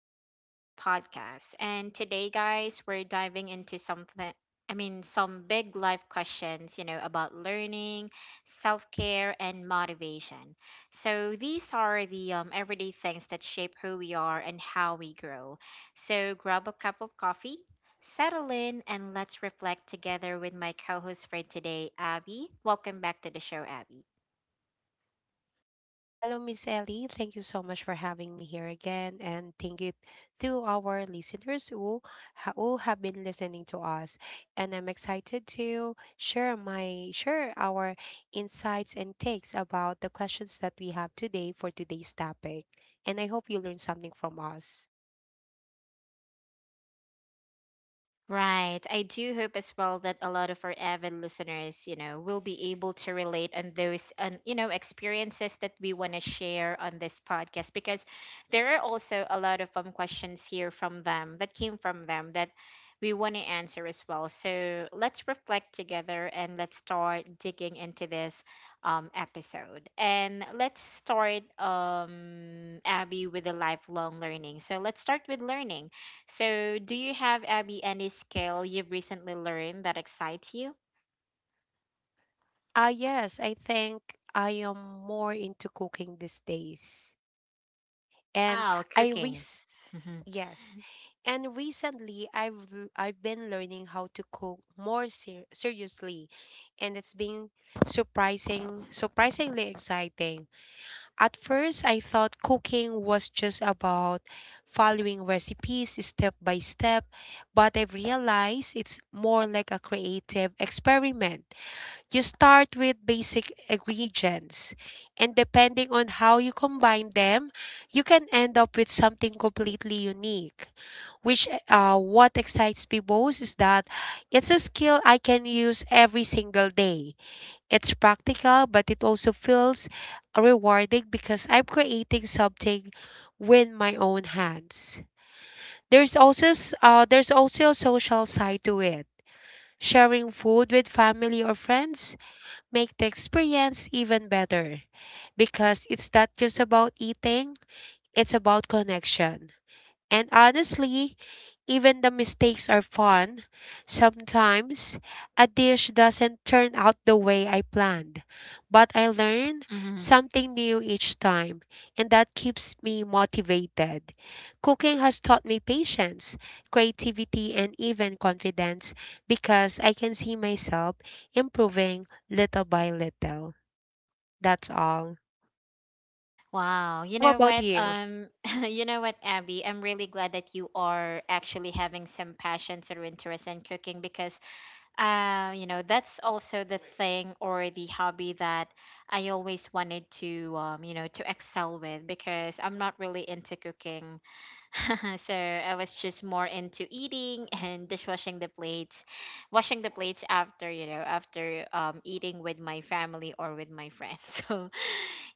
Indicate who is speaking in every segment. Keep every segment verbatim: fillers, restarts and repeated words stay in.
Speaker 1: welcome back to our podcast. And today, guys, we're diving into something I mean, Some big life questions, you know, about learning, self care, and motivation. So, these are the um, everyday things that shape who we are and how we grow. So, grab a cup of coffee, settle in, and let's reflect together with my co host for today, Abby. Welcome back to the show, Abby. Right. I do hope as well that a lot of our avid listeners, you know, will be able to relate on those on you know experiences that we want to share on this podcast because there are also a lot of um questions here from them that came from them that we want to answer as well. So let's reflect together and let's start digging into this um episode. And let's start um Abby with the lifelong learning. So let's start with learning. So, do you have, Abby, any skill you've recently learned that excites you? Wow, cooking. Hmm. Wow. You know what? Um, you know what, Abby? I'm really glad that you are actually having some passions or interest in cooking because, uh, you know, that's also the thing or the hobby that I always wanted to, um, you know, to excel with because I'm not really into cooking so I was just more into eating and dishwashing the plates, washing the plates after you know after um eating with my family or with my friends. So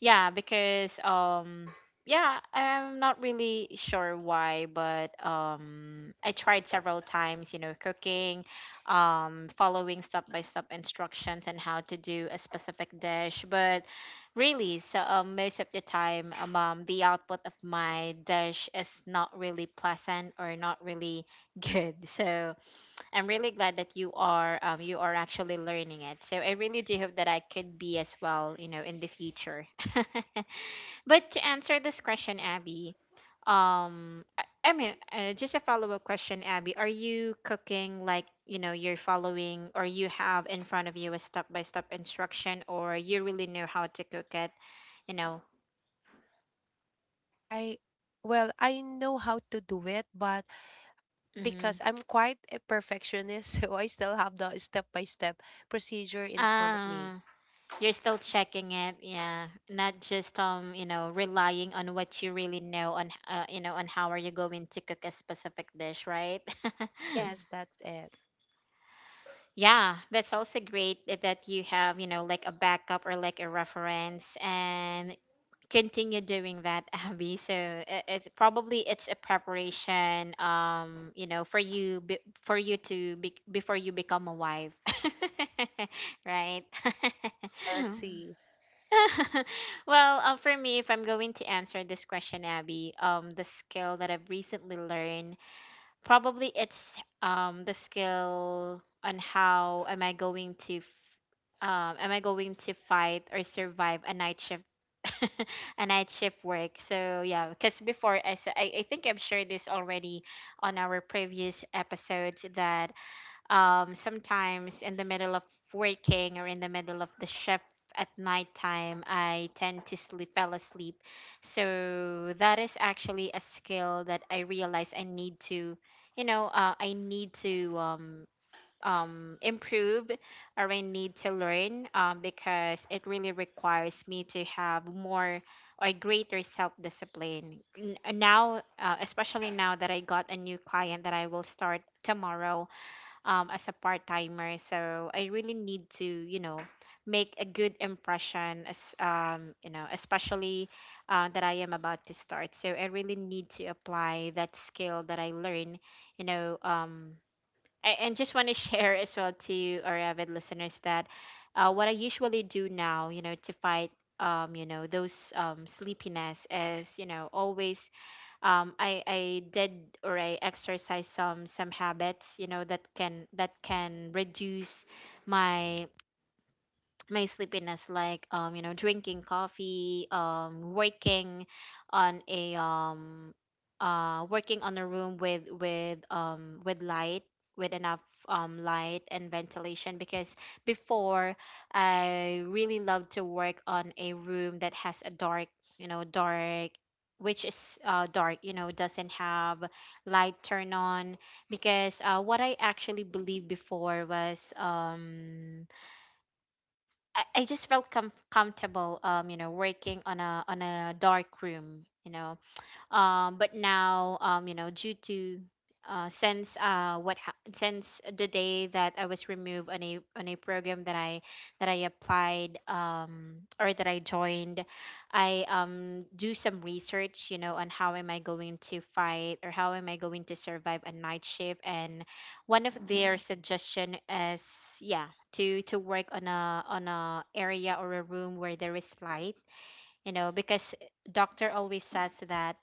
Speaker 1: yeah, because um yeah, I'm not really sure why, but um I tried several times, you know, cooking, um following step by step instructions on how to do a specific dish, but really so um, most of the time um um, the output of my dish is not really pleasant or not really good. So I'm really glad that you are um, you are actually learning it. So I really do hope that I could be as well, you know, in the future. But to answer this question, Abby, um, I, I mean, uh, just a follow up question, Abby. Are you cooking like you know you're following, or you have in front of you a step by step instruction, or you really know how to cook it? You know. Mm-hmm. You're still checking it, yeah. Not just um, you know, relying on what you really know on, h- uh, you know, on how are you going to cook a specific dish, right? Yeah, that's also great that that you have, you know, like a backup or like a reference and continue doing that, Abby. So it, it's probably it's a preparation, um, you know, for you be, for you to be, before you become a wife, right? Well, uh, for me, if I'm going to answer this question, Abby, um, the skill that I've recently learned, probably it's um the skill on how am I going to, f- um, am I going to fight or survive a night shift, a night shift work. So yeah, because before I, s- I I think I've shared this already on our previous episodes that um, sometimes in the middle of working or in the middle of the shift at nighttime, I tend to sleep, fell asleep. So that is actually a skill that I realize I need to, you know, uh, I need to um, um, improve or I need to learn um, because it really requires me to have more or greater self discipline. Now, uh, especially now that I got a new client that I will start tomorrow, um, as a part timer. So I really need to, you know, make a good impression, as um, you know, especially uh, that I am about to start. So I really need to apply that skill that I learned, you know. Um, I, and just want to share as well to our avid listeners that uh, what I usually do now, you know, to fight. Um, you know those um, sleepiness is you know always um, I I did or I exercise some some habits you know that can that can reduce my my sleepiness like um you know drinking coffee um working on a um uh working on a room with with um with light with enough um light and ventilation because before I really love to work on a room that has a dark you know dark, which is uh, dark, you know, doesn't have light turn on because uh, what I actually believed before was um I, I just felt com- comfortable um you know working on a on a dark room, you know. Um, but now um, you know due to uh, since uh, what ha- since the day that I was removed on a on a program that I that I applied um, or that I joined, I um, do some research you know on how am I going to fight or how am I going to survive a night shift. And one of their suggestion is yeah to to work on a on a area or a room where there is light, you know, because doctor always says that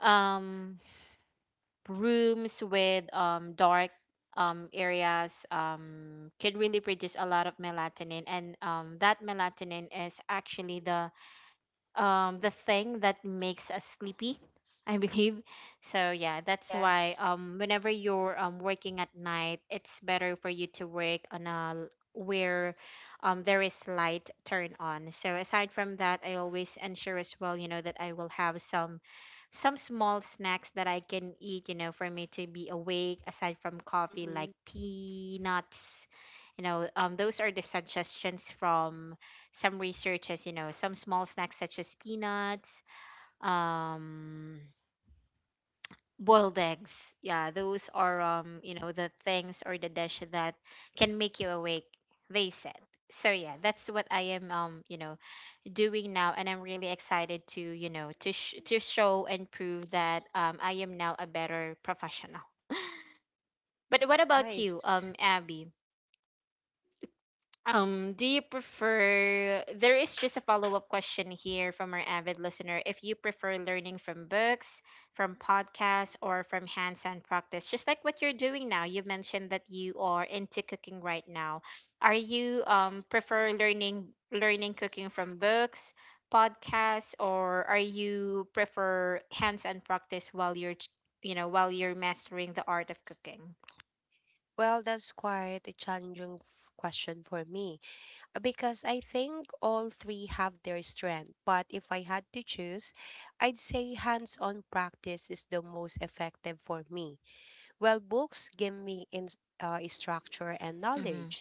Speaker 1: um rooms with um dark um areas um can really produce a lot of melatonin, and um that melatonin is actually the um the thing that makes us sleepy. I believe so. Yeah, that's why um whenever you're um working at night, it's better for you to work on a l- where um there is light turned on. So aside from that, I always ensure as well, you know, that I will have some some small snacks that I can eat, you know, for me to be awake aside from coffee, like peanuts, you know. um those are the suggestions from some researchers, you know, some small snacks such as peanuts, um, boiled eggs. Yeah, those are, um, you know, the things or the dish that can make you awake, they said. So yeah, that's what I am, um, you know, doing now, and I'm really excited to, you know, to sh- to show and prove that um, I am now a better professional. But what about you, um, Abby? Um, do you prefer? There is just a follow up question here from our avid listener. If you prefer learning from books, from podcasts, or from hands on practice, just like what you're doing now, you mentioned that you are into cooking right now. Are you um prefer learning learning cooking from books, podcasts, or are you prefer hands on practice while you're ch- you know while you're mastering the art of cooking? Mm-hmm.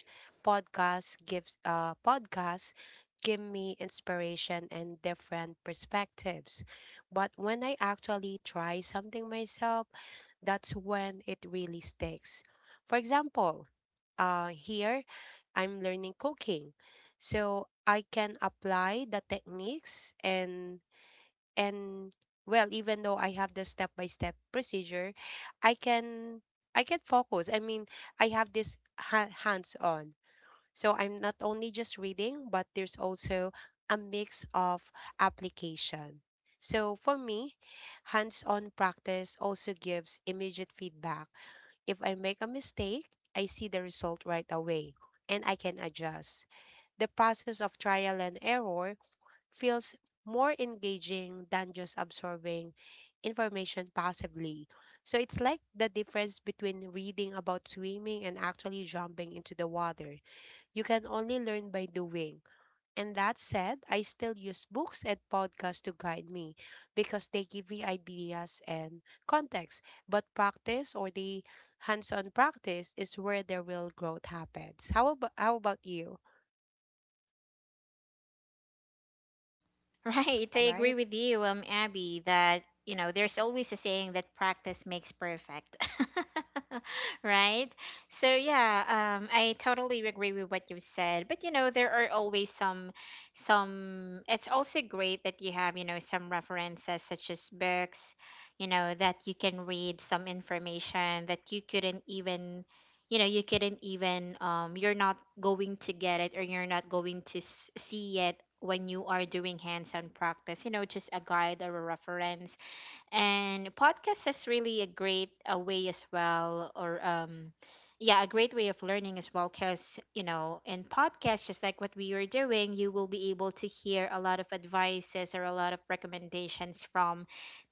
Speaker 1: Right, I agree with you, um, Abby, that you know there's always a saying that practice makes perfect, right? So yeah, um, I totally agree with what you've said. But you know, there are always some, some. It's also great that you have you know some references such as books, you know, that you can read some information that you couldn't even you know you couldn't even um you're not going to get it or you're not going to s- see it when you are doing hands-on practice, you know, just a guide or a reference. And podcast is really a great a way as well, or um yeah, a great way of learning as well, because you know in podcasts just like what we were doing you will be able to hear a lot of advices or a lot of recommendations from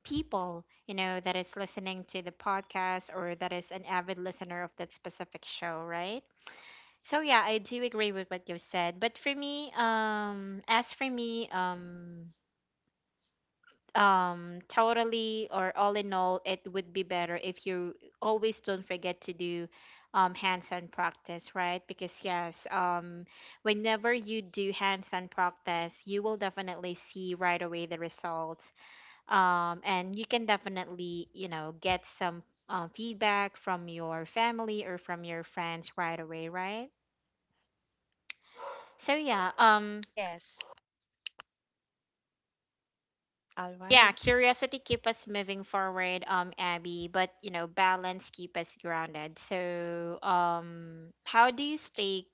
Speaker 1: people, you know, that is listening to the podcast or that is an avid listener of that specific show, right? So yeah, I do agree with what you said. But for me, um as for me um um totally or all in all, it would be better if you always don't forget to do um hands-on practice, right? Because yes, um whenever you do hands-on practice, you will definitely see right away the results, um and you can definitely you know get some uh, feedback from your family or from your friends right away, right? So yeah, um yeah, curiosity keep us moving forward, um, Abby, but you know, balance keep us grounded. So, um, how do you stay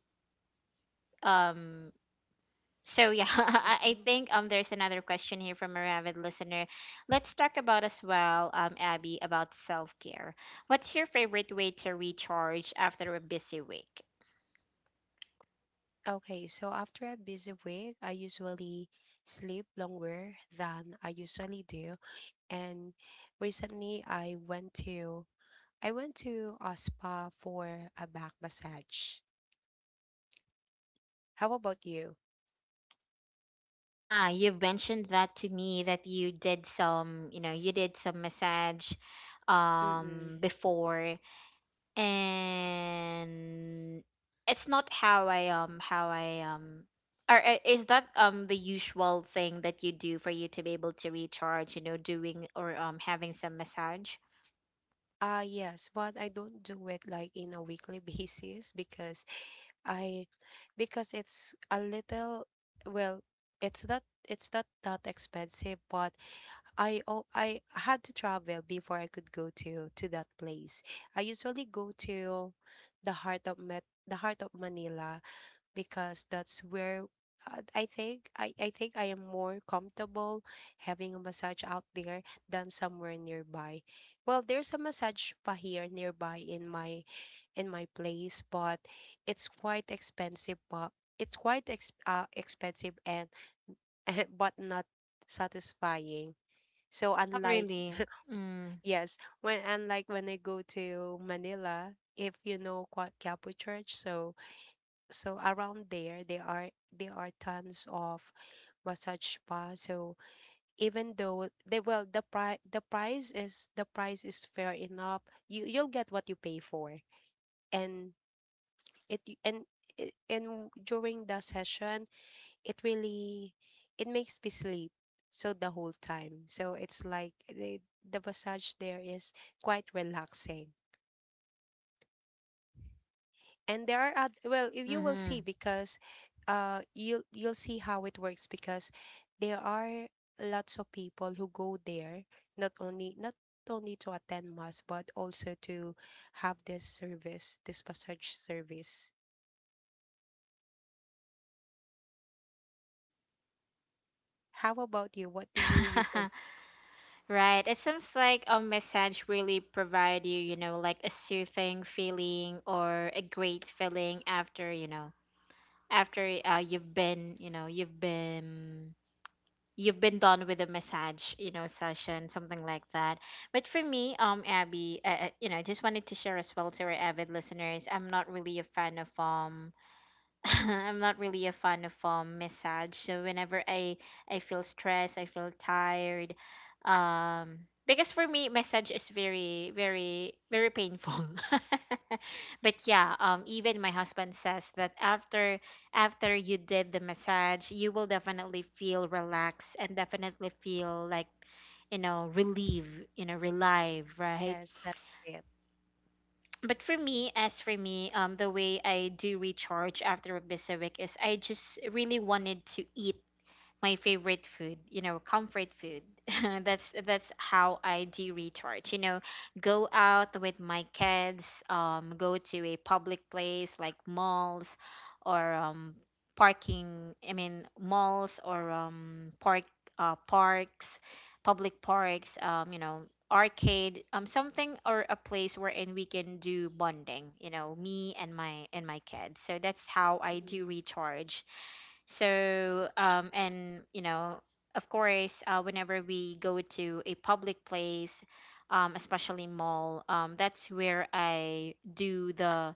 Speaker 1: um so yeah, I I think um there's another question here from a avid listener. Let's talk about as well, um, Abby, about self-care. What's your favorite way to recharge after a busy week? Ah, you've mentioned that to me that you did some, you know, you did some massage um before. And it's not how I um how I um or uh, is that um the usual thing that you do for you to be able to recharge, you know, doing or um having some massage? Oh, really? Mm. Mm-hmm. Right. It seems like a massage really provide you, you know, like a soothing feeling or a great feeling after, you know, after uh, you've been, you know, you've been you've been done with a massage, you know, session, something like that. But for me, um Abby, uh, uh, you know, I just wanted to share as well to our avid listeners, I'm not really a fan of um I'm not really a fan of um, massage. So whenever I I feel stressed, I feel tired. Um, because for me, massage is very, very, very painful. But yeah, um, even my husband says that after after you did the massage, you will definitely feel relaxed and definitely feel like, you know, relieved, you know, relieved, right? But for me, as for me, um, the way I do recharge after a busy week is I just really wanted to eat my favorite food, you know, comfort food. that's that's how I do recharge. You know, go out with my kids, um, go to a public place like malls or um, parking. I mean, malls or um, park uh, parks, public parks. Um, you know, arcade, um something, or a place wherein we can do bonding, you know, me and my and my kids. So that's how I do recharge. So, um, and you know, of course, uh, whenever we go to a public place, um, especially mall, um, that's where I do the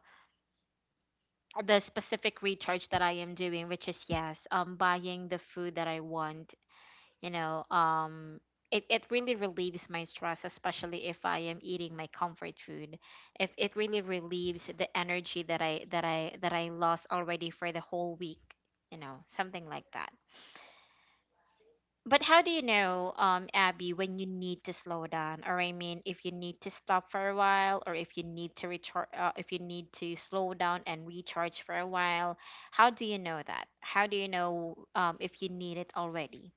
Speaker 1: the specific recharge that I am doing, which is, yes, um, buying the food that I want. You know, um, it it really relieves my stress, especially if I am eating my comfort food. If it really relieves the energy that I that I that I lost already for the whole week, you know, something like that. But how do you know, um, Abby, when you need to slow down? Or I mean, if you need to stop for a while, or if you need to recharge, uh, if you need to slow down and recharge for a while, how do you know that? How do you know, um, if you need it already?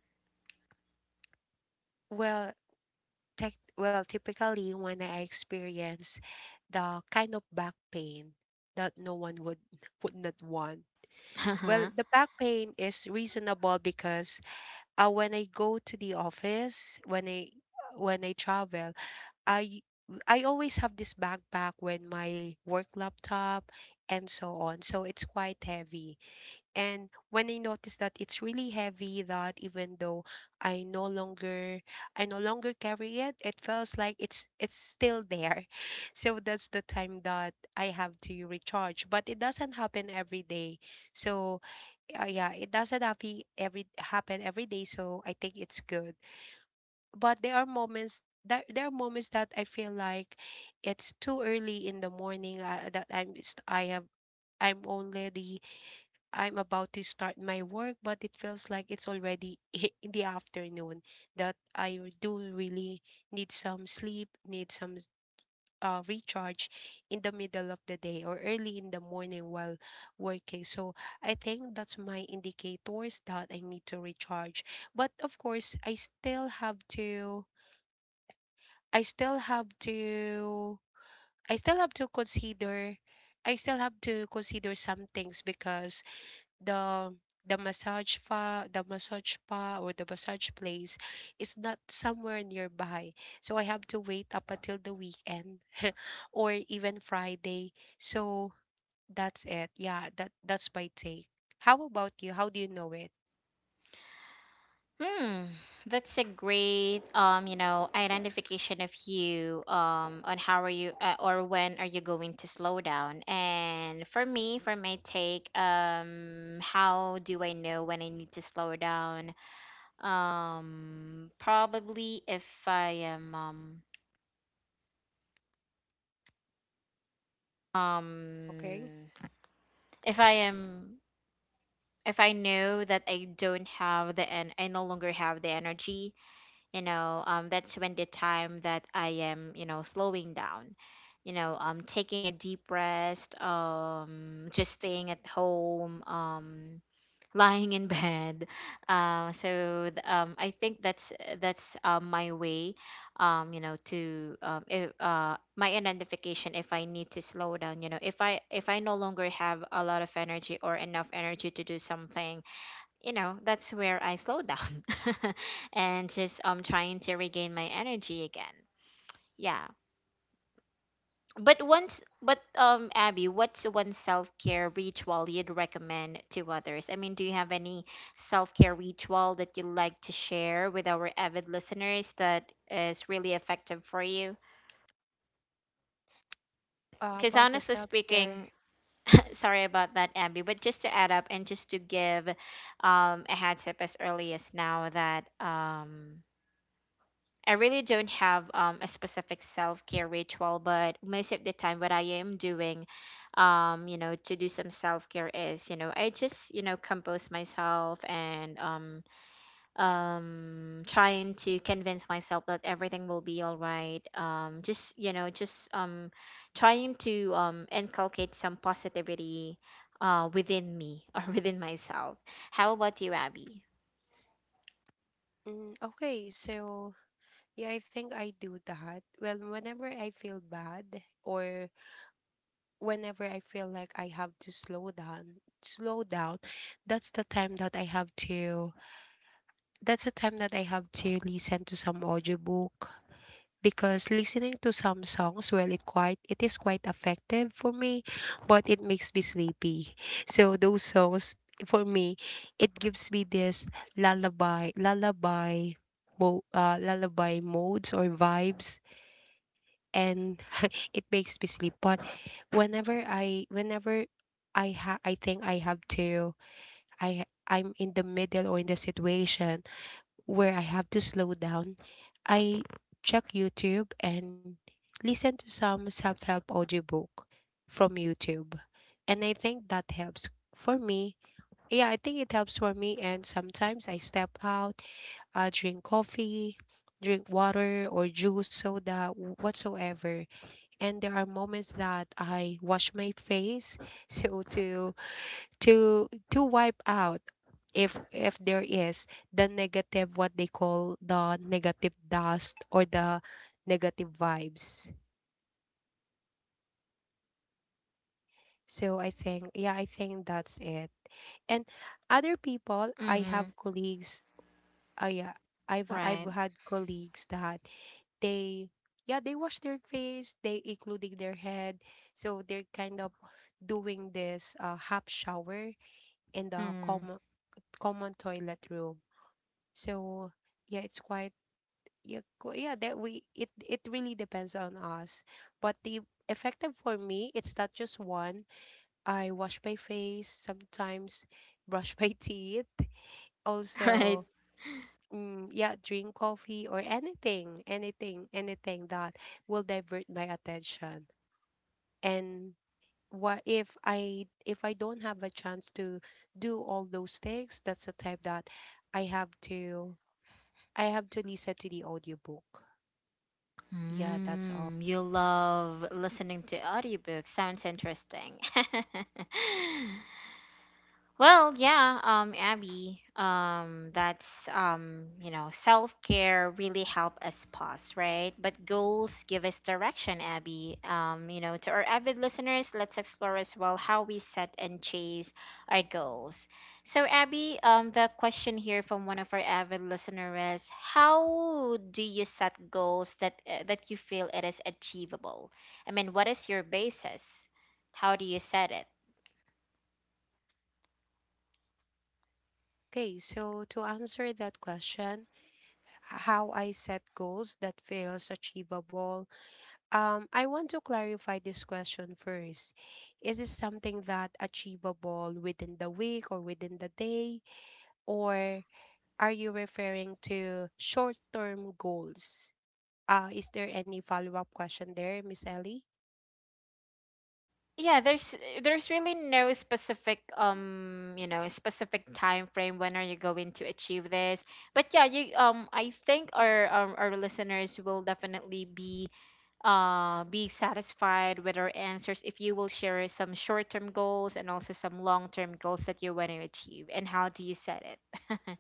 Speaker 1: Uh-huh. Hmm, that's a great, um, you know, identification of you, um, on how are you, uh, or when are you going to slow down? And for me, for my take, um, how do I know when I need to slow down? Um, probably if I am um um if I am, if I know that I don't have the, and I no longer have the energy, you know, um that's when the time that I am, you know, slowing down. You know, um taking a deep rest, um just staying at home, um lying in bed. Uh, so th- um, I think that's that's um, my way, um, you know, to um, if, uh, my identification if I need to slow down. You know, if I if I no longer have a lot of energy or enough energy to do something, you know, that's where I slow down, and just um trying to regain my energy again. Yeah. But once, but um, Abby, what's one self-care ritual you'd recommend to others? I mean, do you have any self-care ritual that you'd like to share with our avid listeners that is really effective for you? Because honestly speaking, sorry about that, Abby, but just to add up and just to give um, a heads up as early as now that, um, I really don't have um, a specific self care ritual, but most of the time, what I am doing, um, you know, to do some self care is, you know, I just, you know, compose myself and, um, um, trying to convince myself that everything will be all right. Um, just, you know, just um, trying to um, inculcate some positivity uh, within me or within myself. How about you, Abby? Mm-hmm. Right. Mm-hmm. Right. Mm, you love listening to audiobooks. Sounds interesting. Well, yeah, um, Abby, um, that's um, you know, self-care really help us pause, right? But goals give us direction, Abby. Um, you know, to our avid listeners, let's explore as well how we set and chase our goals. So, Abby, um, the question here from one of our avid listeners is, how do you set goals that uh, that you feel it is achievable? I mean, what is your basis? How do you set it? Yeah, there's there's really no specific, um you know, specific time frame when are you going to achieve this. But yeah, you um I think our our, our listeners will definitely be uh be satisfied with our answers if you will share some short-term goals and also some long-term goals that you want to achieve and how do you set it.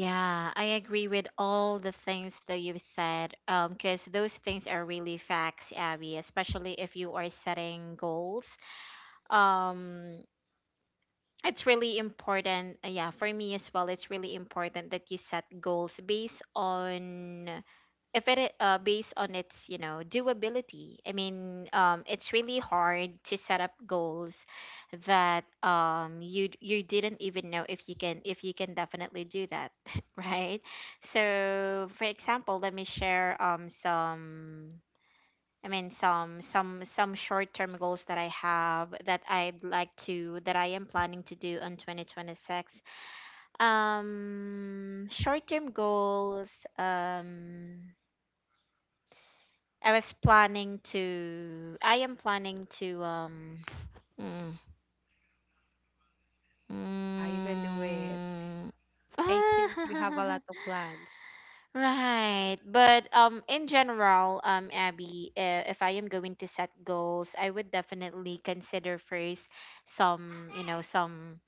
Speaker 1: Yeah, I agree with all the things that you've said, um, because those things are really facts, Abby, especially if you are setting goals. um it's really important, uh, yeah, for me as well, it's really important that you set goals based on if it i- uh, based on its, you know, doability. I mean, um it's really hard to set up goals that, um you d- you didn't even know if you can, if you can definitely do that, right? So for example, let me share um some I mean some some some short-term goals that I have that I'd like to that I am planning to do in twenty twenty-six. Um short-term goals, um I was planning to I am planning to um mm, mm, Right. But um in general, um Abby, uh, if I am going to set goals, I would definitely consider first some, you know, some,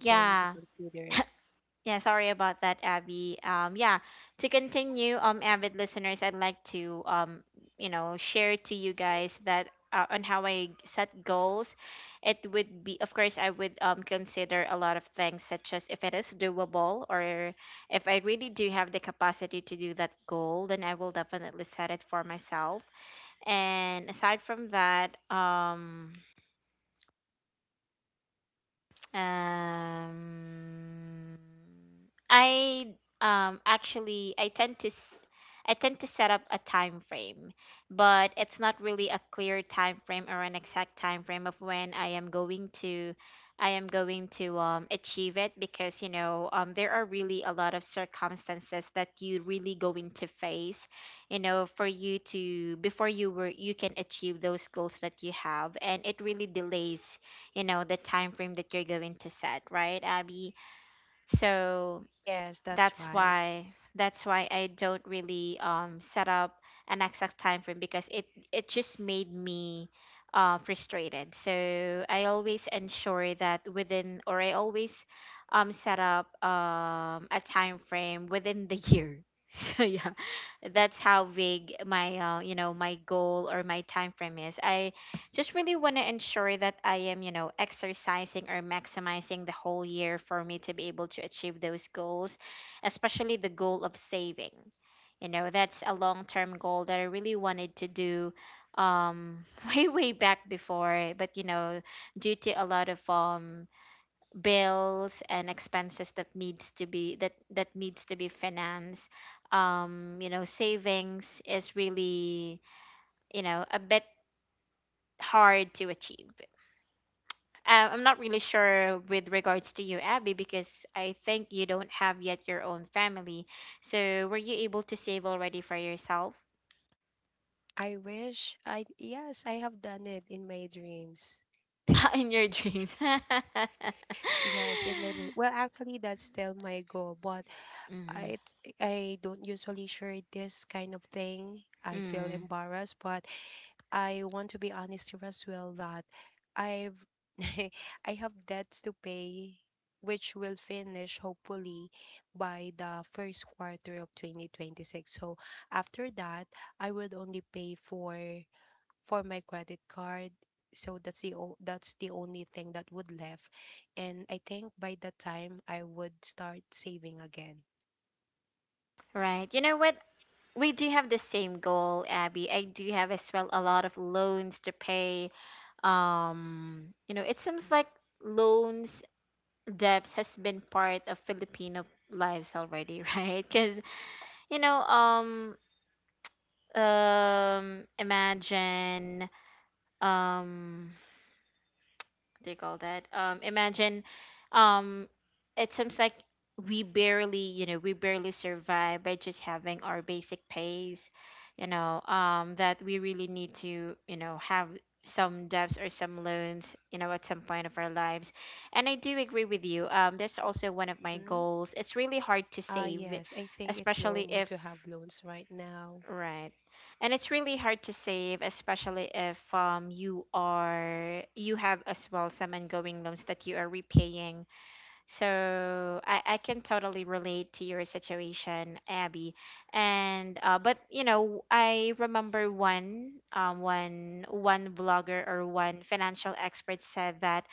Speaker 1: yeah. Yeah, sorry about that, Abby. Um, yeah, to continue, um, avid listeners, I'd like to, um, you know, share to you guys that uh, on how I set goals. It would be, of course, I would um, consider a lot of things, such as if it is doable or if I really do have the capacity to do that goal, then I will definitely set it for myself. And aside from that, um, Um, I um actually, I tend to s- I tend to set up a time frame, but it's not really a clear time frame or an exact time frame of when I am going to I am going to um achieve it, because, you know, um there are really a lot of circumstances that you really going to face, you know, for you to before you were you can achieve those goals that you have, and it really delays, you know, the time frame that you're going to set, right, Abby? So that's why that's why I don't really um set up an exact time frame because it it just made me uh frustrated. So I always ensure that within, or I always um set up um a time frame within the year. So yeah, that's how big my, uh, you know, my goal or my time frame is. I just really want to ensure that I am, you know, exercising or maximizing the whole year for me to be able to achieve those goals, especially the goal of saving. You know, that's a long term goal that I really wanted to do um way way back before, but you know, due to a lot of um bills and expenses that needs to be, that that needs to be financed, um you know, savings is really, you know, a bit hard to achieve. Uh, I'm not really sure with regards to you, Abby, because I think you don't have yet your own family. So, were you able to save already for yourself in your dreams? Mm, mm, right. You know what? We do have the same goal, Abby. I do have as well a lot of loans to pay. Um, you know, it seems like loans, debts has been part of Filipino lives already, right? Because, you know, um, um imagine, um what do you call that um imagine, um it seems like we barely, you know, we barely survive by just having our basic pays, you know, um that we really need to, you know, have some debts or some loans, you know, at some point of our lives. And I do agree with you, um that's also one of my goals. It's really hard to save, especially if Right. And it's really hard to save, especially if um you are, you have as well some ongoing loans that you are repaying. So I, I can totally relate to your situation, Abby. And uh but you know, I remember one, um one one blogger or one financial expert said that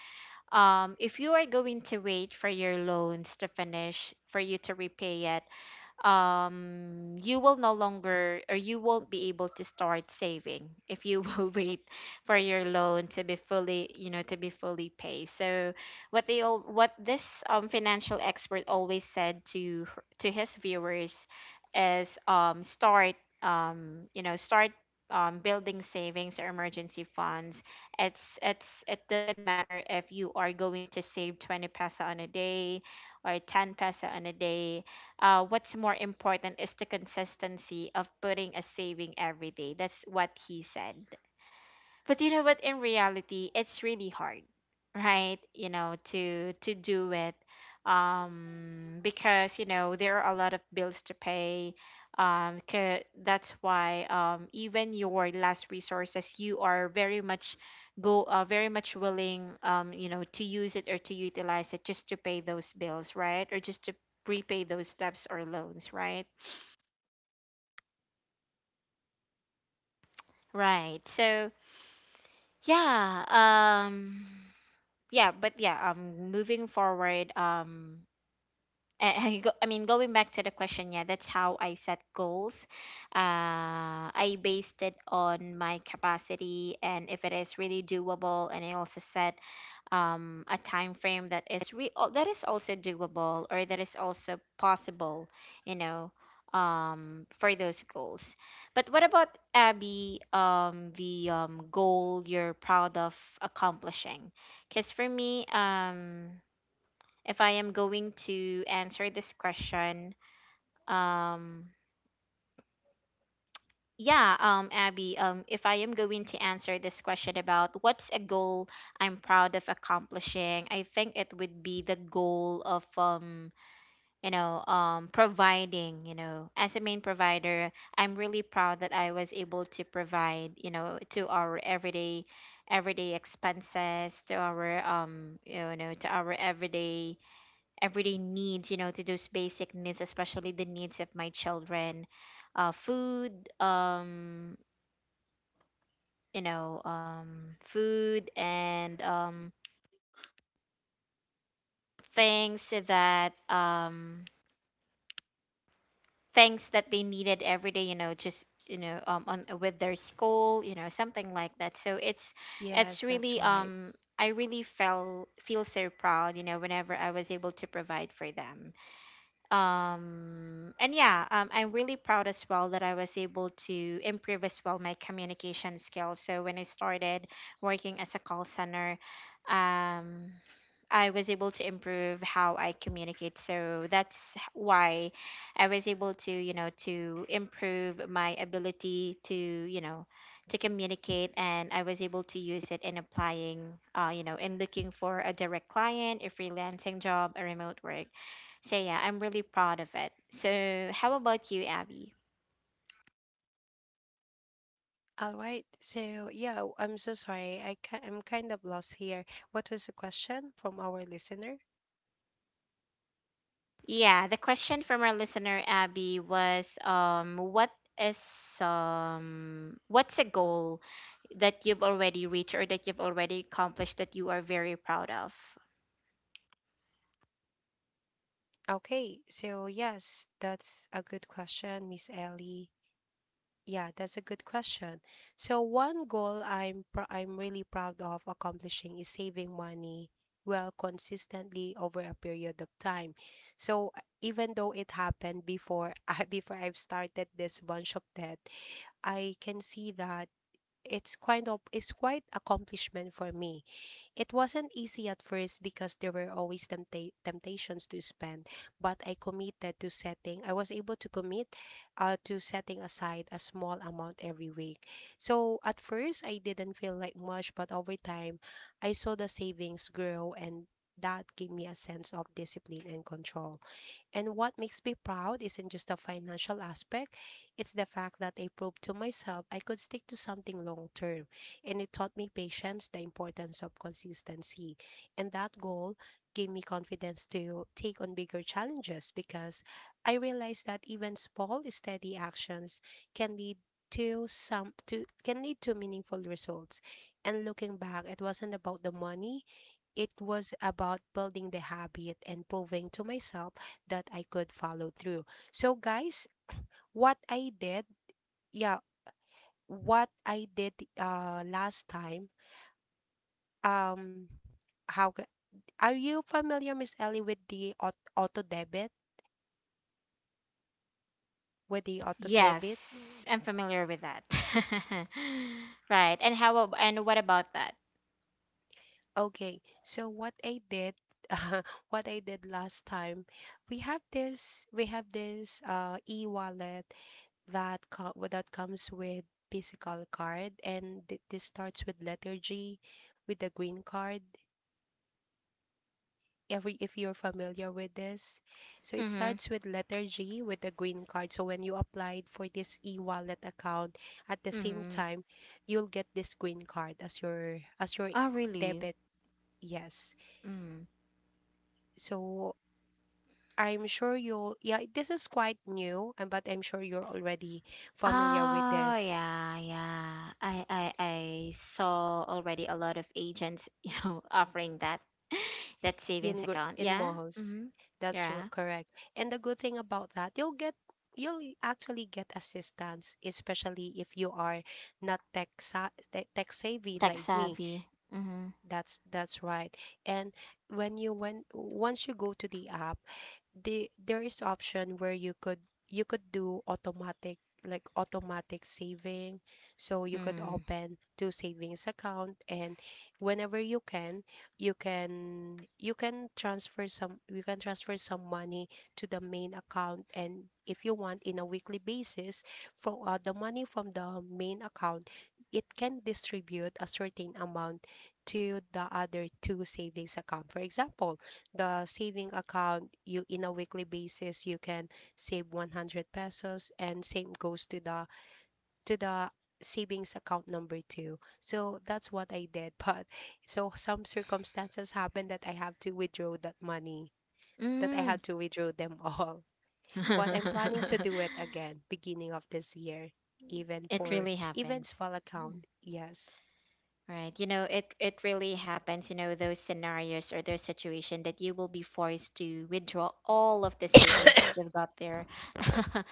Speaker 1: um if you are going to wait for your loans to finish for you to repay it, um, you will no longer, or you won't be able to start saving if you will wait for your loan to be fully, you know, to be fully paid. So what they all, what this um, financial expert always said to her- to his viewers is um, start, um, you know, start. Um, building savings or emergency funds, it's it's it doesn't matter if you are going to save twenty pesa on a day or ten pesa on a day. Uh, what's more important is the consistency of putting a saving every day. That's what he said. But you know what? In reality, it's really hard, right? You know, to to do it, um, because you know there are a lot of bills to pay. Um, Um, 'ca- that's why, um, even your last resources, you are very much go uh, very much willing, um, you know, to use it or to utilize it just to pay those bills, right? Or just to repay those debts or loans, right? Right. So yeah. Um. yeah but yeah um Moving forward, um and go, I mean, going back to the question, yeah, that's how I set goals. Uh, I based it on my capacity and if it is really doable. And I also set um, a time frame that is re- al- that is also doable or that is also possible, you know, um, for those goals. But what about Abby, um, the um, goal you're proud of accomplishing? Because for me, um, if I am going to answer this question, um, yeah, um, Abby, um, if I am going to answer this question about what's a goal I'm proud of accomplishing, I think it would be the goal of, um, you know, um, providing, you know, as a main provider, I'm really proud that I was able to provide, you know, to our everyday everyday expenses, to our um, you know, to our everyday everyday needs, you know, to those basic needs, especially the needs of my children. Uh, food, um, you know um food, and um things that, um things that they needed every day, you know, just, you know, um on with their school, you know, something like that. So it's it's
Speaker 2: Yes,
Speaker 1: really,
Speaker 2: that's right.
Speaker 1: um I really felt feel so proud, you know, whenever I was able to provide for them. Um, and yeah, um, I'm really proud as well that I was able to improve as well my communication skills. So when I started working as a call center, um, I was able to improve how I communicate. So that's h- why I was able to, you know, to improve my ability to, you know, to communicate, and I was able to use it in applying, uh, you know, in looking for a direct client, a freelancing job, a remote work. So yeah, I'm really proud of it. So how about you, Abby?
Speaker 2: All right. So, yeah, w- I'm so sorry. I ki- I'm kind of lost here. What was the question from our listener?
Speaker 1: Yeah, the question from our listener, Abby, was um what is um what's a goal that you've already reached or that you've already accomplished that you are very proud of?
Speaker 2: Okay. So, yes, that's a good question, Miss Ellie. Yeah, that's a good question. So, one goal I'm pr- I'm really proud of accomplishing is saving money well consistently over a period of time. So, uh, even though it happened before I before I've started this bunch of debt, I can see that it's kind of it's quite accomplishment for me. It wasn't easy at first because there were always tempta- temptations to spend, but I committed to setting. I was able to commit uh, to setting aside a small amount every week. So at first I didn't feel like much, but over time I saw the savings grow, and that gave me a sense of discipline and control. And what makes me proud isn't just the financial aspect, it's the fact that I proved to myself I could stick to something long term. And it taught me patience, the importance of consistency. And that goal gave me confidence to take on bigger challenges because I realized that even small, steady actions can lead to some to can lead to meaningful results. And looking back, it wasn't about the money, it was about building the habit and proving to myself that I could follow through. So guys, what I did, yeah, what I did uh last time, um how ca- are you familiar, Miss Ellie, with the aut- auto debit, with the auto debit?
Speaker 1: Yes, I'm familiar with that. Right. And how ab- and what about that?
Speaker 2: Okay. So what I did what I did last time, we have this we have this uh e-wallet that co- well, that comes with physical card, and th- this starts with letter G, with the green card, every if you're familiar with this. So it
Speaker 1: Mhm.
Speaker 2: starts with letter G with the green card. So when you applied for this e-wallet account, at the same
Speaker 1: Mhm.
Speaker 2: time, you'll get this green card as your as your
Speaker 1: Oh, really?
Speaker 2: debit. Yes. So I'm sure you'll, yeah, this is quite new, and but I'm sure you're already familiar with
Speaker 1: Oh
Speaker 2: this.
Speaker 1: yeah, yeah. I I I saw already a lot of agents, you know, offering that that savings
Speaker 2: in Gr-
Speaker 1: account.
Speaker 2: in
Speaker 1: Yeah.
Speaker 2: Mohos.
Speaker 1: Mm-hmm.
Speaker 2: That's r-
Speaker 1: Yeah.
Speaker 2: correct. And the good thing about that, you'll get, you'll actually get assistance, especially if you are not tech sa- tech tech savvy
Speaker 1: Tech
Speaker 2: like me.
Speaker 1: savvy. Mm-hmm.
Speaker 2: That's that's right. And when you went once you go to the app, the there is option where you could you could do automatic, like automatic saving. So you could open two savings account, and whenever you can, you can you can transfer some you can transfer some money to the main account, and if you want in a weekly basis, from uh, the money from the main account, it can distribute a certain amount to the other two savings account. For example, the saving account, you in a weekly basis you can save one hundred pesos, and same goes to the to the savings account number two. So that's what I did, but so some circumstances happen that I have to withdraw that money.
Speaker 1: Mm.
Speaker 2: That I
Speaker 1: Mm.
Speaker 2: had to withdraw them all. But I'm planning to do it again beginning of this year, even
Speaker 1: It
Speaker 2: for
Speaker 1: really
Speaker 2: even
Speaker 1: happens.
Speaker 2: small
Speaker 1: Mm.
Speaker 2: account. Yes.
Speaker 1: Right. You know, it it really happens, you know, those scenarios or those situation that you will be forced to withdraw all of the savings that you've got there.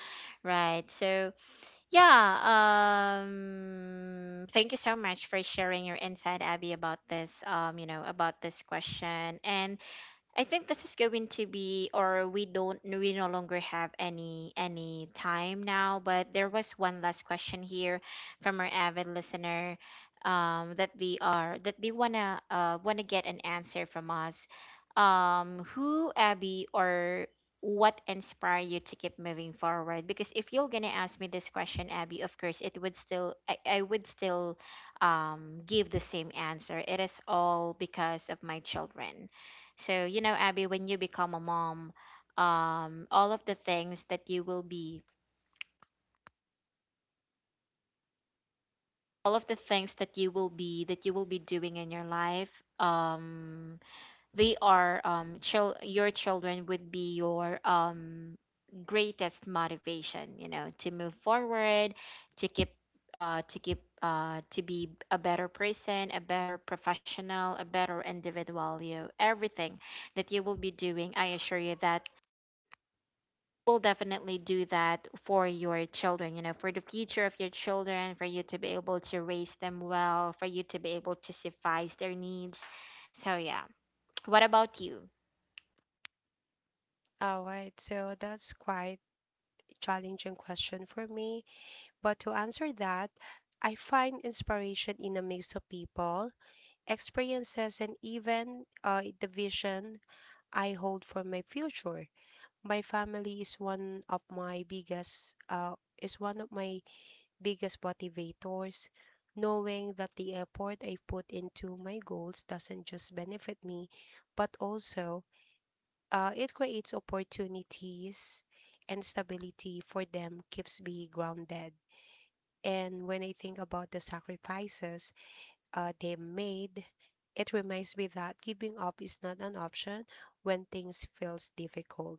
Speaker 1: Right. So yeah, um thank you so much for sharing your insight, Abby, about this um you know about this question. And I think this is going to be, or we don't, we no longer have any any time now. But there was one last question here from our avid listener, um, that they are that they wanna uh wanna get an answer from us. Um, who, Abby, or what inspire you to keep moving forward? Because if you're gonna ask me this question, Abby, of course it would still, I, I would still um give the same answer. It is all because of my children. So, you know, Abby, when you become a mom, um, all of the things that you will be, all of the things that you will be, that you will be doing in your life, um, they are, um, chil- your children would be your, um, greatest motivation, you know, to move forward, to keep, uh, to keep, uh, to be a better person, a better professional, a better individual. You, everything that you will be doing, I assure you that will definitely do that for your children, you know, for the future of your children, for you to be able to raise them well, for you to be able to suffice their needs. So, yeah. What about you?
Speaker 2: All right, so that's quite a challenging question for me. But to answer that, I find inspiration in a mix of people, experiences, and even uh, the vision I hold for my future. My family is one of my biggest, uh, is one of my biggest motivators, knowing that the effort I put into my goals doesn't just benefit me, but also uh, it creates opportunities and stability for them, keeps me grounded. And when I think about the sacrifices uh, they made, it reminds me that giving up is not an option when things feels difficult.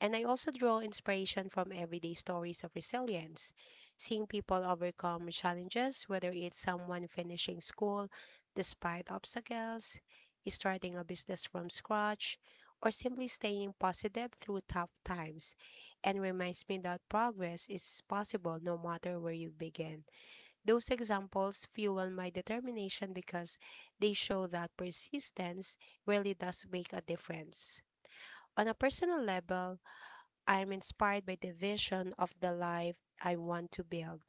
Speaker 2: And I also draw inspiration from everyday stories of resilience, seeing people overcome challenges, whether it's someone finishing school despite obstacles, starting a business from scratch, or simply staying positive through tough times, and reminds me that progress is possible no matter where you begin. Those examples fuel my determination because they show that persistence really does make a difference. On a personal level, I'm inspired by the vision of the life I want to build.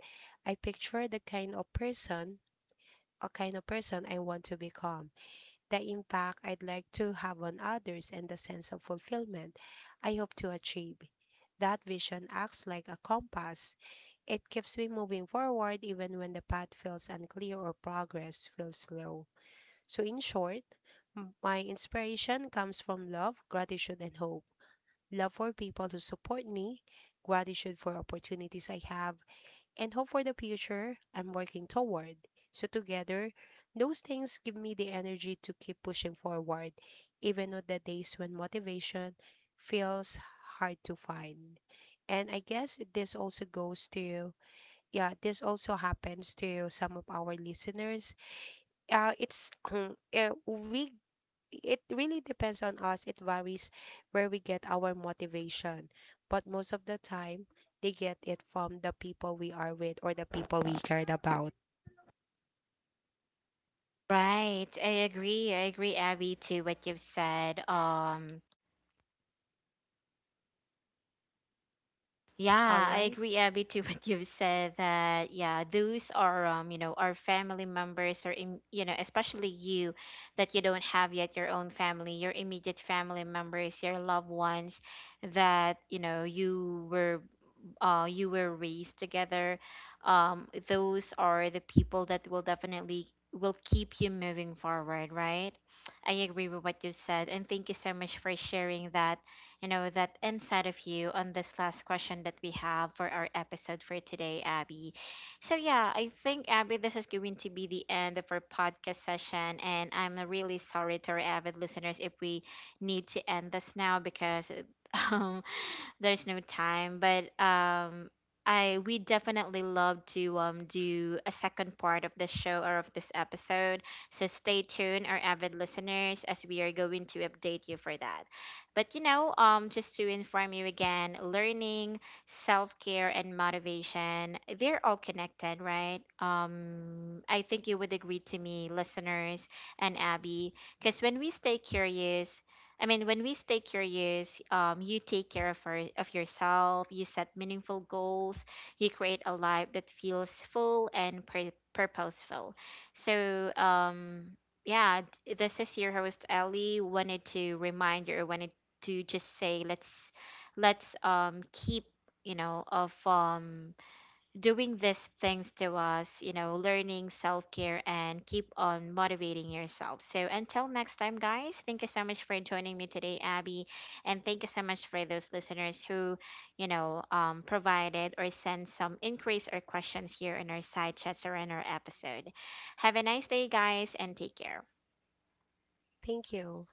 Speaker 2: I picture the kind of person, a kind of person I want to become, the impact I'd like to have on others, and the sense of fulfillment I hope to achieve. That vision acts like a compass. It keeps me moving forward even when the path feels unclear or progress feels slow. So, in short, m- my inspiration comes from love, gratitude, and hope. Love for people who support me, gratitude for opportunities I have, and hope for the future I'm working toward. So, together, those things give me the energy to keep pushing forward, even on the days when motivation feels hard to find. And I guess this also goes to, yeah, this also happens to some of our listeners. Uh, it's, uh, we it really depends on us. It varies where we get our motivation. But most of the time, they get it from the people we are with or the people we cared about.
Speaker 1: Right. I agree. I agree, Abby, to what you've said. Um,
Speaker 2: All
Speaker 1: Yeah, I
Speaker 2: right.
Speaker 1: agree, Abby, to what you've said, that yeah, those are, um, you know, our family members or, im- you know, especially you that you don't have yet your own family, your immediate family members, your loved ones that, you know, you were, uh, you were raised together, um, those are the people that will definitely will keep you moving forward, right? I agree with what you said, and thank you so much for sharing that, you know, that insight of you on this last question that we have for our episode for today, Abby. So yeah, I think, Abby, this is going to be the end of our podcast session, and I'm really sorry to our avid listeners if we need to end this now because. There's no time, but um I we definitely love to um do a second part of this show or of this episode. So stay tuned, our avid listeners, as we are going to update you for that. But you know, um just to inform you again, learning, self-care and motivation, they're all connected, right? um I think you would agree to me, listeners, and Abby, because when we stay curious I mean, when we stay curious, um, you take care of our, of yourself. You set meaningful goals. You create a life that feels full and pur- purposeful. So, um, yeah, d- this is your host, Ellie. Wanted to remind you, wanted to just say, let's let's um keep, you know, of, um doing these things to us, you know, learning self care and keep on motivating yourself. So until next time, guys, thank you so much for joining me today, Abby. And thank you so much for those listeners who, you know, um, provided or sent some inquiries or questions here in our side chats or in our episode. Have a nice day, guys, and take care.
Speaker 2: Thank you.